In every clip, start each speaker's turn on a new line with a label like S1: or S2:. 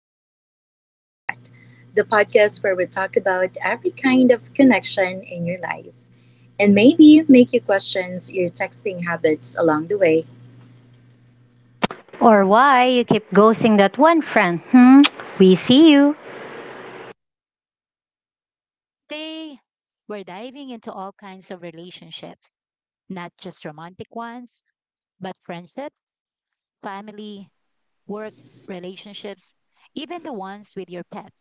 S1: Relationships You've Got, the podcast where we talk about every kind of connection in your life and maybe make you question your texting habits along the way.
S2: Or why you keep ghosting that one friend? Hmm? We see you.
S3: Today, we're diving into all kinds of relationships, not just romantic ones, but friendships, family, work relationships, even the ones with your pets.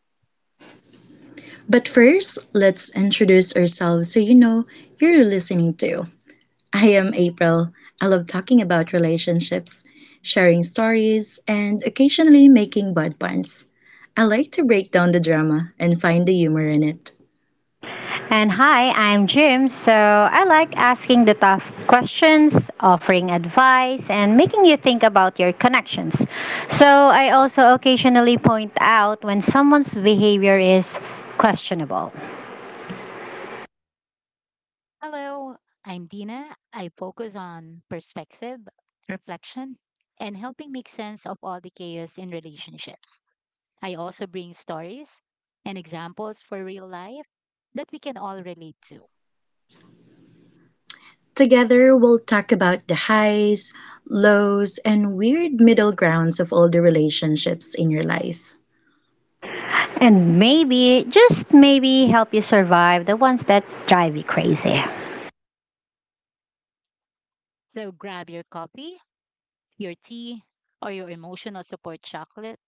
S1: But first, let's introduce ourselves so you know who you're listening to. I am April. I love talking about relationships, sharing stories, and occasionally making bud puns. I like to break down the drama and find the humor in it.
S2: And hi, I'm Jim. I like asking the tough questions, offering advice, and making you think about your connections. I also occasionally point out when someone's behavior is questionable
S3: Hello, I'm Dina. I focus on perspective, reflection, and helping make sense of all the chaos in relationships. I also bring stories and examples for real life that we can all relate to.
S1: Together we'll talk about the highs, lows, and weird middle grounds of all the relationships in your life.
S2: and maybe just maybe help you survive the ones that drive you crazy.
S3: So grab your coffee, your tea, or your emotional support chocolate.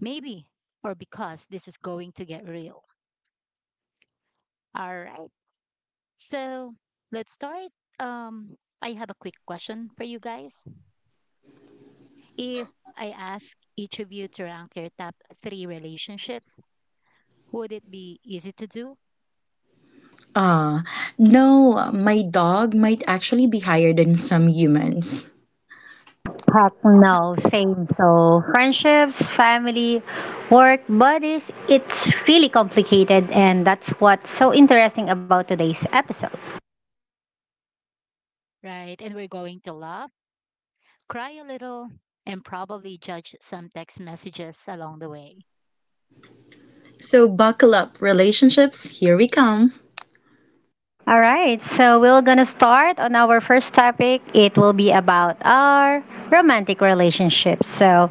S3: Maybe, or because this is going to get real. All right. So let's start. Um, I have a quick question for you guys. If I ask each of you to rank your top three relationships, would it be easy to do?
S1: Ah, no, my dog might actually be higher than some humans.
S2: Heck no,
S3: Okay.
S2: same. So, friendships, family, work, buddies, it's really complicated, and that's what's so interesting about today's episode.
S3: Right. And we're going to laugh, cry a little, and probably judge some text messages along the way.
S1: So buckle up, relationships, here we come.
S2: All right, so we're gonna start on our first topic. It will be about our romantic relationships. So,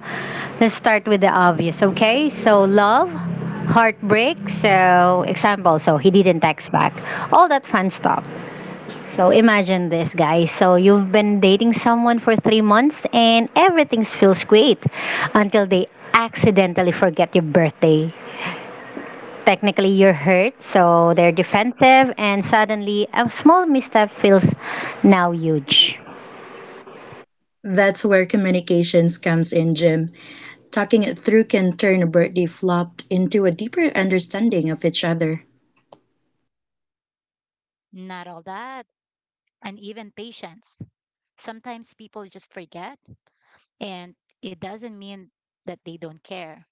S2: let's start with the obvious, okay? So, love, heartbreak, so example, so he didn't text back, all that fun stuff. So imagine this, guys. So you've been dating someone for 3 months and everything feels great until they accidentally forget your birthday. Technically, you're hurt, so they're defensive, and suddenly a small misstep feels now huge.
S1: That's where communications comes in, Jim. Talking it through can turn a birthday flop into a deeper understanding of each other.
S3: Not all that, and even patience. Sometimes people just forget, and it doesn't mean that they don't care.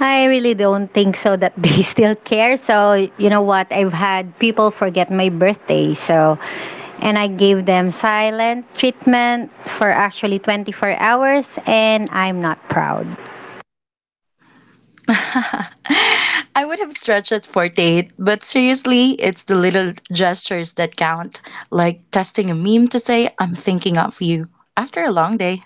S2: I really don't think so that they still care. So, you know what? I've had people forget my birthday. So, and I gave them silent treatment for actually 24 hours, and I'm not proud.
S1: I would have stretched at 48, but seriously, it's the little gestures that count, like testing a meme to say, I'm thinking of you after a long day.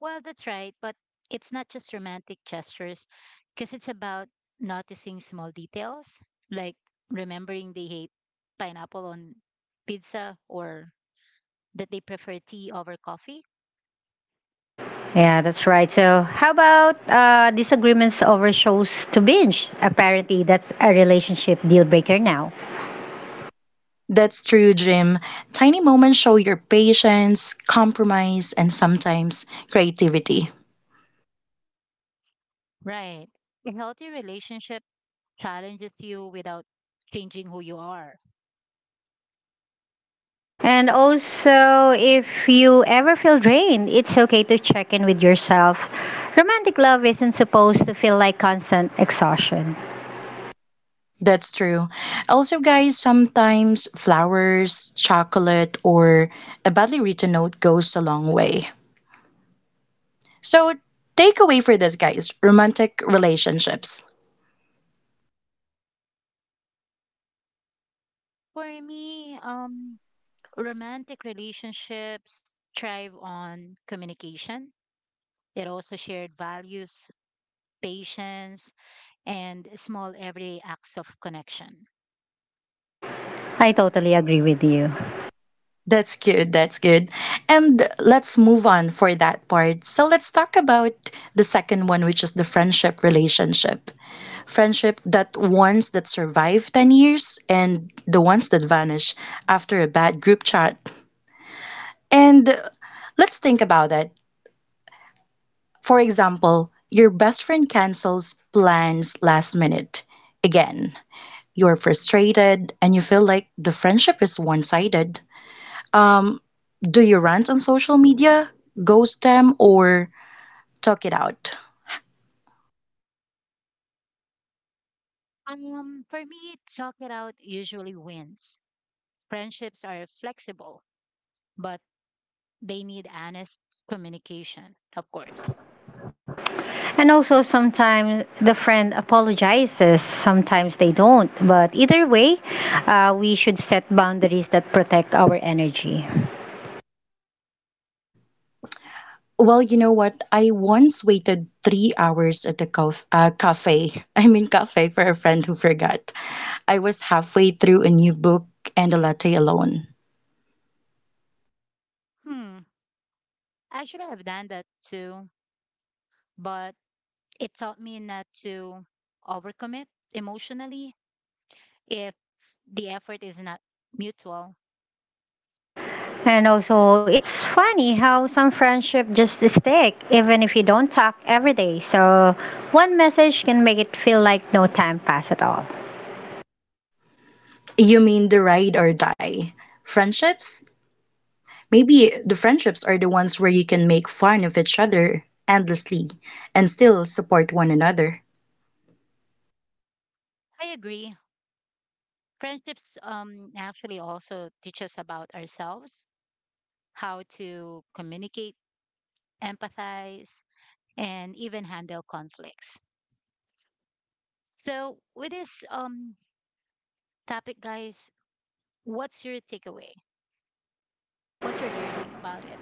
S3: Well, that's right, but it's not just romantic gestures because it's about noticing small details, like remembering they hate pineapple on pizza or that they prefer tea over coffee.
S2: Yeah, that's right. So, how about disagreements over shows to binge? Apparently, that's a relationship deal breaker now.
S1: That's true, Jim. Tiny moments show your patience, compromise, and sometimes creativity.
S3: Right. A healthy relationship challenges you without changing who you are.
S2: And also, if you ever feel drained, it's okay to check in with yourself. Romantic love isn't supposed to feel like constant exhaustion.
S1: That's true. Also, guys, sometimes flowers, chocolate, or a badly written note goes a long way. So, takeaway for this, guys, romantic relationships.
S3: For me, romantic relationships thrive on communication. It also shared values, patience, and small everyday acts of connection.
S2: I totally agree with you.
S1: That's good. That's good. And let's move on for that part. So let's talk about the second one, which is the friendship relationship. Friendship, that ones that survive 10 years and the ones that vanish after a bad group chat. And let's think about it. For example, your best friend cancels plans last minute. Again, you're frustrated and you feel like the friendship is one sided Um, do you rant on social media, ghost them, or talk it out?
S3: For me, talk it out usually wins. Friendships are flexible, but they need honest communication, of course.
S2: And also, sometimes the friend apologizes, sometimes they don't. But either way, we should set boundaries that protect our energy.
S1: Well, you know what? I once waited 3 hours at the cafe. I mean, cafe for a friend who forgot. I was halfway through a new book and a latte alone.
S3: Hmm. Actually, I've done that too, but it taught me not to overcommit emotionally if the effort is not mutual.
S2: And also, it's funny how some friendship just stick even if you don't talk every day. So, one message can make it feel like no time passed at all.
S1: You mean the ride or die? Friendships? Maybe the friendships are the ones where you can make fun of each other endlessly and still support one another.
S3: I agree. Friendships actually also teach us about ourselves, how to communicate, empathize, and even handle conflicts. So, with this topic, guys, what's your takeaway? What's your learning about it?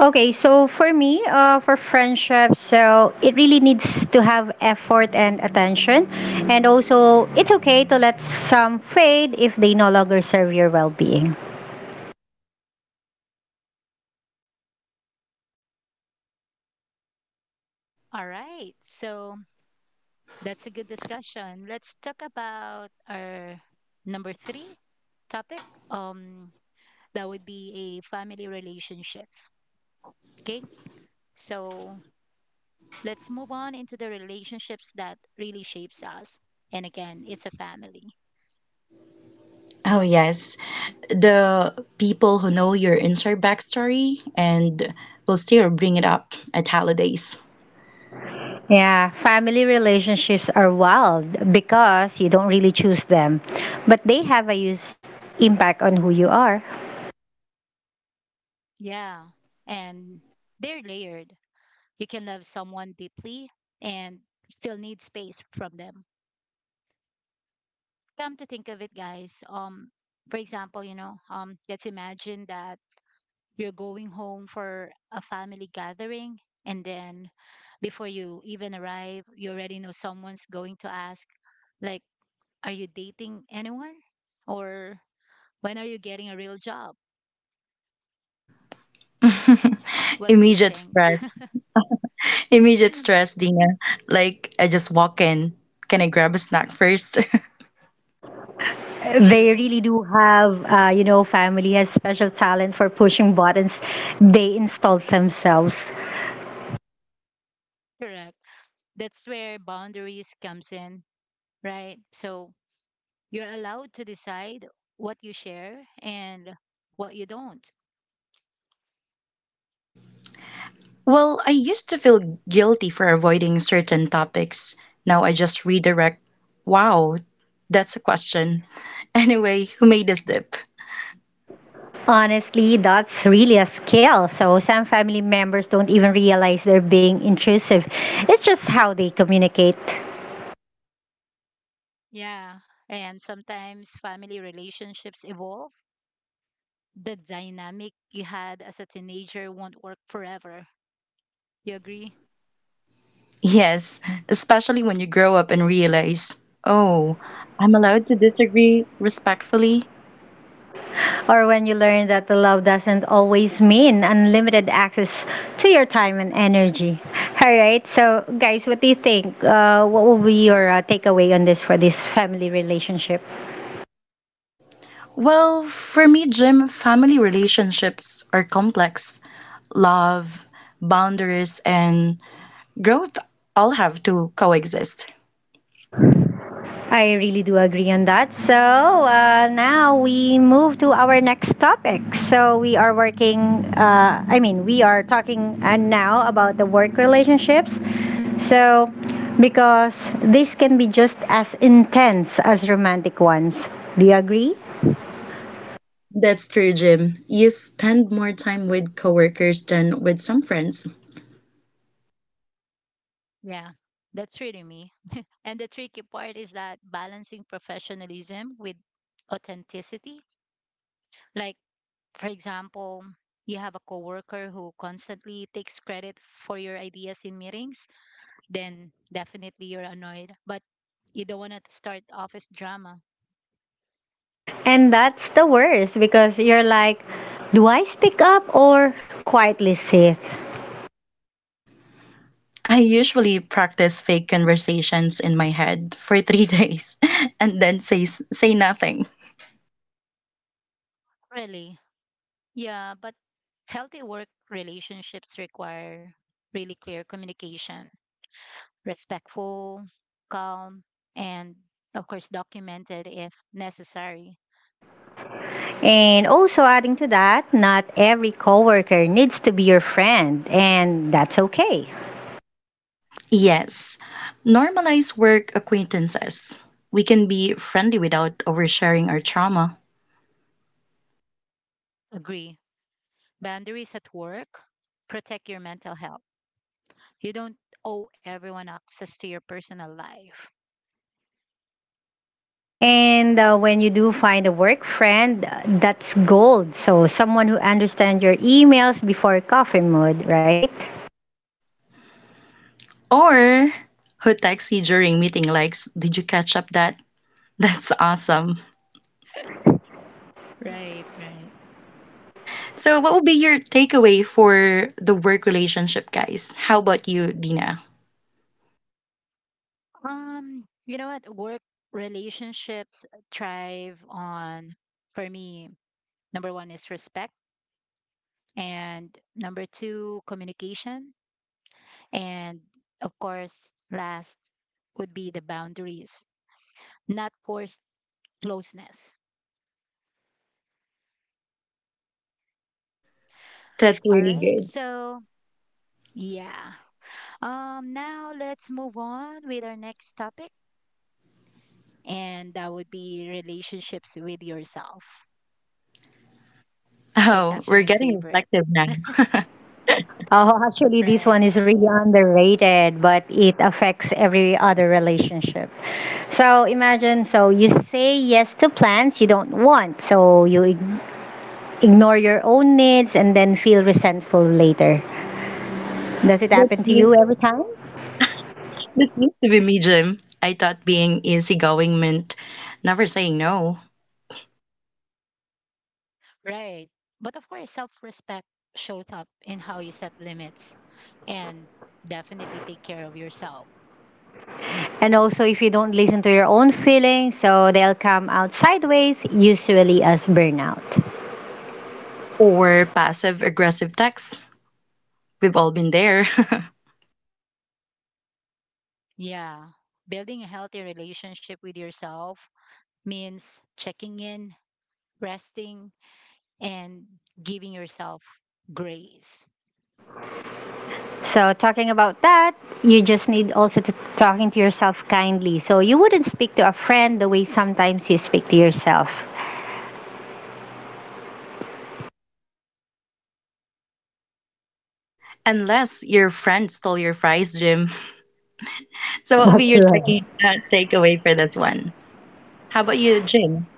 S2: Okay, so for me, for friendship, so it really needs to have effort and attention. And also, it's okay to let some fade if they no longer serve your well being.
S3: All right. So, that's a good discussion. Let's talk about our number three topic. Um, that would be a family relationships. Okay. So, let's move on into the relationships that really shapes us. And again, it's a family.
S1: Oh, yes, the people who know your entire backstory and will still bring it up at holidays.
S2: Yeah, family relationships are wild because you don't really choose them, but they have a huge impact on who you are.
S3: Yeah. And they're layered. You can love someone deeply and still need space from them. Come to think of it, guys. For example, let's imagine that you're going home for a family gathering, and then before you even arrive, you already know someone's going to ask, like, are you dating anyone, or when are you getting a real job? What do you
S1: Immediate
S3: think?
S1: stress, immediate stress, Dina. Like, I just walk in. Can I grab a snack first?
S2: They
S3: True.
S2: really do have, you know, family has special talent for pushing buttons they installed themselves.
S3: Correct. That's where boundaries comes in, right? So you're allowed to decide what you share and what you don't.
S1: Well, I used to feel guilty for avoiding certain topics. Now I just redirect. Wow, that's a question. Anyway, who made this dip?
S2: Honestly, that's really a skill. So some family members don't even realize they're being intrusive. It's just how they communicate.
S3: Yeah, and sometimes family relationships evolve. The dynamic you had as a teenager won't work forever. You agree?
S1: Yes, especially when you grow up and realize, oh, I'm allowed to disagree respectfully.
S2: Or when you learn that the love doesn't always mean unlimited access to your time and energy. All right. So, guys, what do you think? What will be your takeaway on this for this family relationship?
S1: Well, for me, Jim, family relationships are complex. Love, boundaries, and growth all have to coexist.
S2: I really do agree on that. So now we move to our next topic. We are talking now about the work relationships. So, because this can be just as intense as romantic ones. Do you agree?
S1: That's true, Jim. You spend more time with coworkers than with some friends.
S3: Yeah, that's really me. And the tricky part is that balancing professionalism with authenticity. Like, for example, you have a coworker who constantly takes credit for your ideas in meetings, then definitely you're annoyed. But you don't want to start office drama.
S2: And that's the worst because you're like, do I speak up or quietly sit?
S1: I usually practice fake conversations in my head for three days and then say nothing.
S3: Really? Yeah, but healthy work relationships require really clear communication, respectful, calm, and of course documented if necessary.
S2: And also adding to that, not every coworker needs to be your friend, and that's okay.
S1: Yes, normalize work acquaintances. We can be friendly without oversharing our trauma.
S3: Agree. Boundaries at work protect your mental health. You don't owe everyone access to your personal life.
S2: And when you do find a work friend, that's gold. So someone who understands your emails before coffee mood, right?
S1: Or who texts you during meeting likes, did you catch up that? That's awesome.
S3: Right, right.
S1: So what would be your takeaway for the work relationship, guys? How about you, Dina?
S3: You know what? Work relationships thrive on, for me, number one is respect, and number two, communication. And of course, last would be the boundaries. Not forced closeness.
S1: That's
S3: All
S1: really
S3: right.
S1: good.
S3: So, yeah. Now let's move on with our next topic, and that would be relationships with yourself. It's
S1: Oh,
S3: actually
S1: we're
S3: my
S1: getting
S3: favorite.
S1: reflective now.
S2: Oh, actually, this
S3: Right.
S2: one is really underrated, but it affects every other relationship. So imagine, so you say yes to plans you don't want, so you ignore your own needs and then feel resentful later. Does it
S1: That's
S2: happen to you
S1: used
S2: every time?
S1: that's used to be me, Jim. I thought being easygoing meant never saying no,
S3: Right. But of course, self-respect showed up in how you set limits and definitely take care of yourself.
S2: And also, if you don't listen to your own feelings, so they'll come out sideways, usually as burnout.
S1: or passive aggressive texts. We've all been there.
S3: Yeah. Building a healthy relationship with yourself means checking in, resting, and giving yourself grace.
S2: So, talking about that, you just need also to talking to yourself kindly. So, you wouldn't speak to a friend the way sometimes you speak to yourself.
S1: Unless your friend stole your fries, Jim. So, what would be
S2: That's
S1: your
S2: right.
S1: takeaway for that one? How about you, Jim?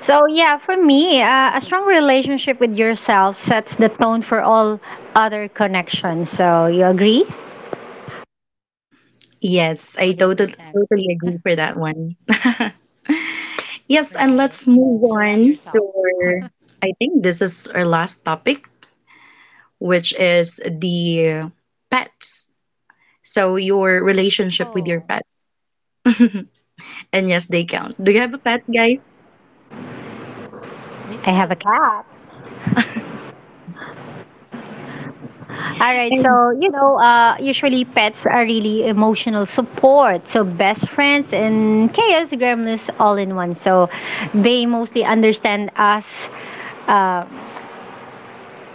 S2: So, yeah, for me, a strong relationship with yourself sets the tone for all other connections. So, you agree?
S1: Yes, I totally
S3: 100%.
S1: totally agree for that one. Yes, and
S3: Right.
S1: let's move
S3: So love
S1: on to
S3: yourself.
S1: our, I think this is our last topic, which is the pets. So your relationship with your
S3: Oh,
S1: pets. And yes, they count. Do you have a pet, guys?
S3: I
S2: I have a
S3: do
S2: cat. All right. So,
S1: And
S2: you know, usually pets are really emotional support. So, best friends and chaos gremlins all in one. So, they mostly understand us uh,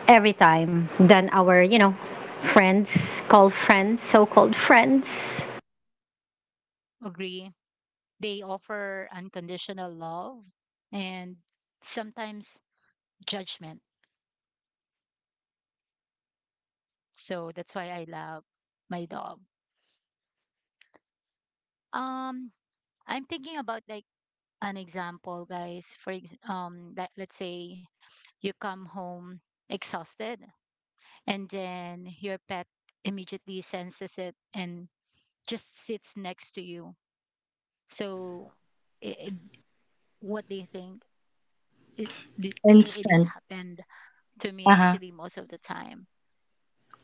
S2: every time than our, you know, so called friends.
S3: agree. They offer unconditional love and sometimes judgment. So that's why I love my dog. Um, I'm thinking about, like, an example, guys. Like, let's say you come home exhausted, and then your pet immediately senses it and just sits next to you. So it, what they think, it, it
S1: instant.
S3: happened to me,
S1: Uh-huh.
S3: actually, most of the time.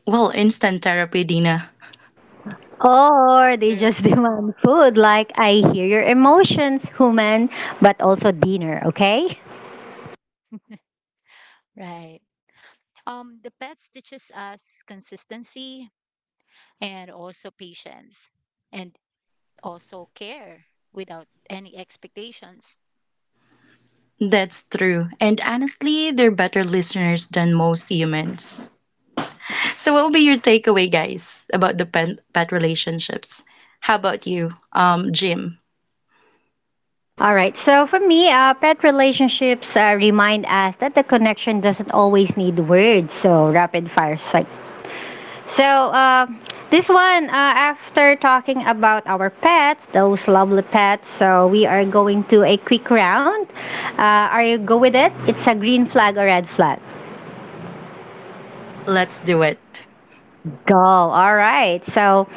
S1: Well, instant therapy, Dina.
S2: Or they
S3: True.
S2: just demand food, like, I hear your emotions, human, but also dinner, okay?
S3: Right. The pets teaches us consistency, and also patience, and also care without any expectations.
S1: That's true. And honestly, they're better listeners than most humans. So, what will be your takeaway, guys, about the pet relationships? How about you, Jim?
S2: All right. So for me, pet relationships remind us that the connection doesn't always need words. So rapid fire psych. So this one, after talking about our pets, those lovely pets, so we are going to a quick round. Are you go with it? It's a green flag or red flag.
S1: Let's do it.
S2: Go. All right. So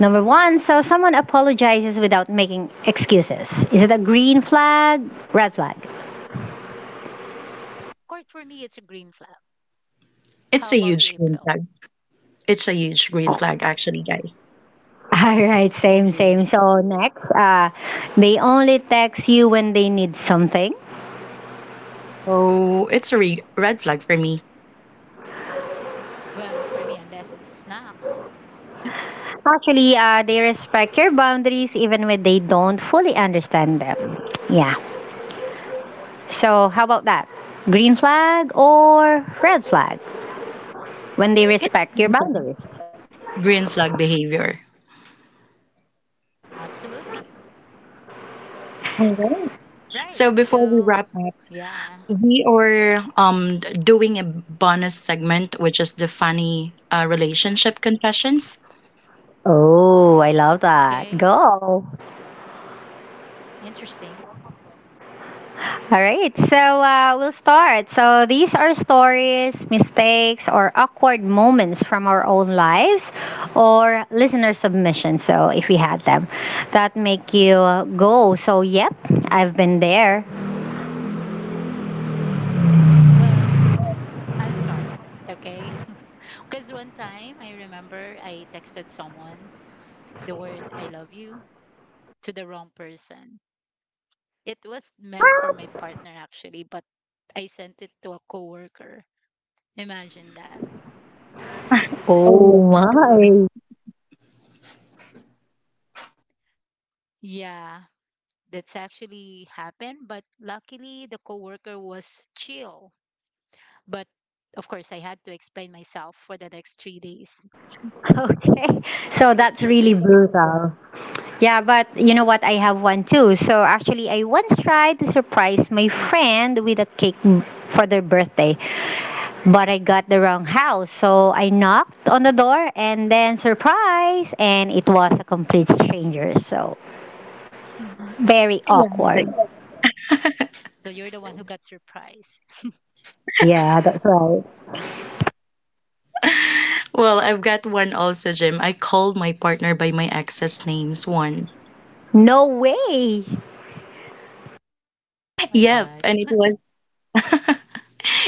S2: number one, so someone apologizes without making excuses. Is it a green flag, red flag?
S3: Of course, for me it's a green flag. How
S1: It's a
S3: about you,
S1: huge green
S3: April?
S1: flag. It's a huge green flag, actually, guys.
S2: All right, same,
S3: Indeed.
S2: same. So next, they only text you when they need something.
S1: Oh, it's a red flag for me.
S3: Well, for me, unless it's snacks.
S2: Actually, they respect your boundaries even when they don't fully understand them. Yeah. So how about that? Green flag or red flag when they
S1: It's a
S2: respect your
S1: green flag.
S2: boundaries?
S1: Green flag behavior.
S3: Absolutely.
S1: All right.
S3: Right.
S1: So before we
S3: So,
S1: wrap up,
S3: yeah.
S1: we are doing a bonus segment, which is the funny relationship confessions.
S2: Oh, I love that.
S3: Okay.
S2: Go.
S3: Interesting.
S2: All right, so we'll start. So these are stories, mistakes, or awkward moments from our own lives, or listener submissions. So if we had them, that make you go. So yep, I've been there.
S3: Well, I'll start. Okay. Because one time I remember I texted someone the word I love you to the wrong person. It was
S2: What?
S3: meant for my partner actually, but I sent it to a coworker. Imagine that.
S1: Oh no,
S2: Oh
S1: what
S2: my.
S3: Yeah, that's actually happened, but luckily the coworker was chill. But of course I had to explain myself for the next 3 days.
S2: Okay, so that's
S3: That's the
S2: really
S3: thing.
S2: brutal. Yeah, but you know what? I have one too. So actually, I once tried to surprise my friend with a cake for their birthday. But I got the wrong house, so I knocked on the door and then surprise, and it was a complete stranger. So very
S1: classic.
S2: awkward.
S3: So you're the one who got surprised.
S2: Yeah, that's right.
S1: Well, I've got one also, Jim. I called my partner by my ex's names one.
S2: No way.
S3: My
S1: Yep,
S3: god.
S1: and it was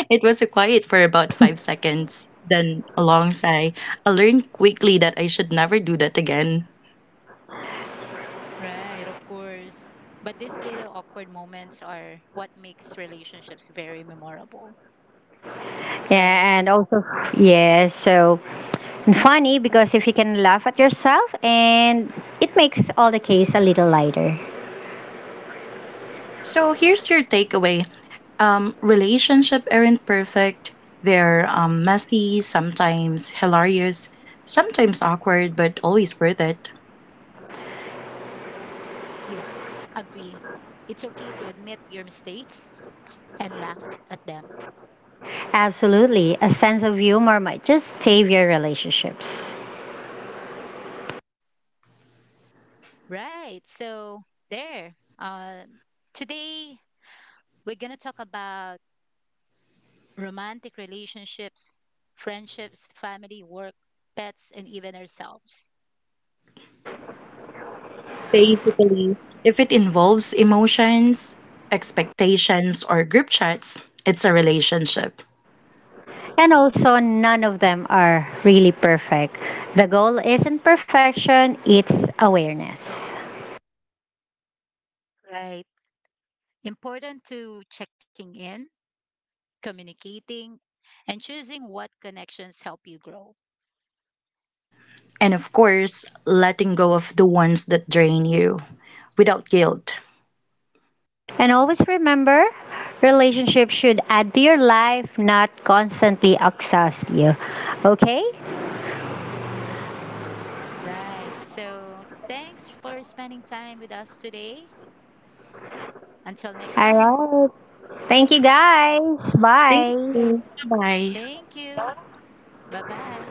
S1: it was a quiet for about 5 seconds, then a long sigh. I learned quickly that I should never do that again.
S3: Right, of course. But these little awkward moments are what makes relationships very memorable, right?
S2: Yeah, and also yeah, so and funny because if you can laugh at yourself and it makes all the case a little lighter.
S1: So here's your takeaway. Relationship aren't perfect. They're messy, sometimes hilarious, sometimes awkward, but always worth it.
S3: Yes. Agree. It's okay to admit your mistakes and laugh at them.
S2: Absolutely. A sense of humor might just save your relationships.
S3: Right. So there. Today we're gonna talk about romantic relationships, friendships, family, work, pets, and even ourselves.
S1: Basically, if it involves emotions, expectations, or group chats, it's a relationship.
S2: And also, none of them are really perfect. The goal isn't perfection, it's awareness.
S3: Right. Important to checking in, communicating, and choosing what connections help you grow.
S1: And of course, letting go of the ones that drain you without guilt.
S2: And always remember relationships should add to your life, not constantly exhaust you. Okay?
S3: Right. So thanks for spending time with us today. Until next
S2: All
S3: time,
S2: right. Thank you guys.
S1: Thank
S2: Bye.
S1: you. Bye bye.
S3: thank you. Bye bye.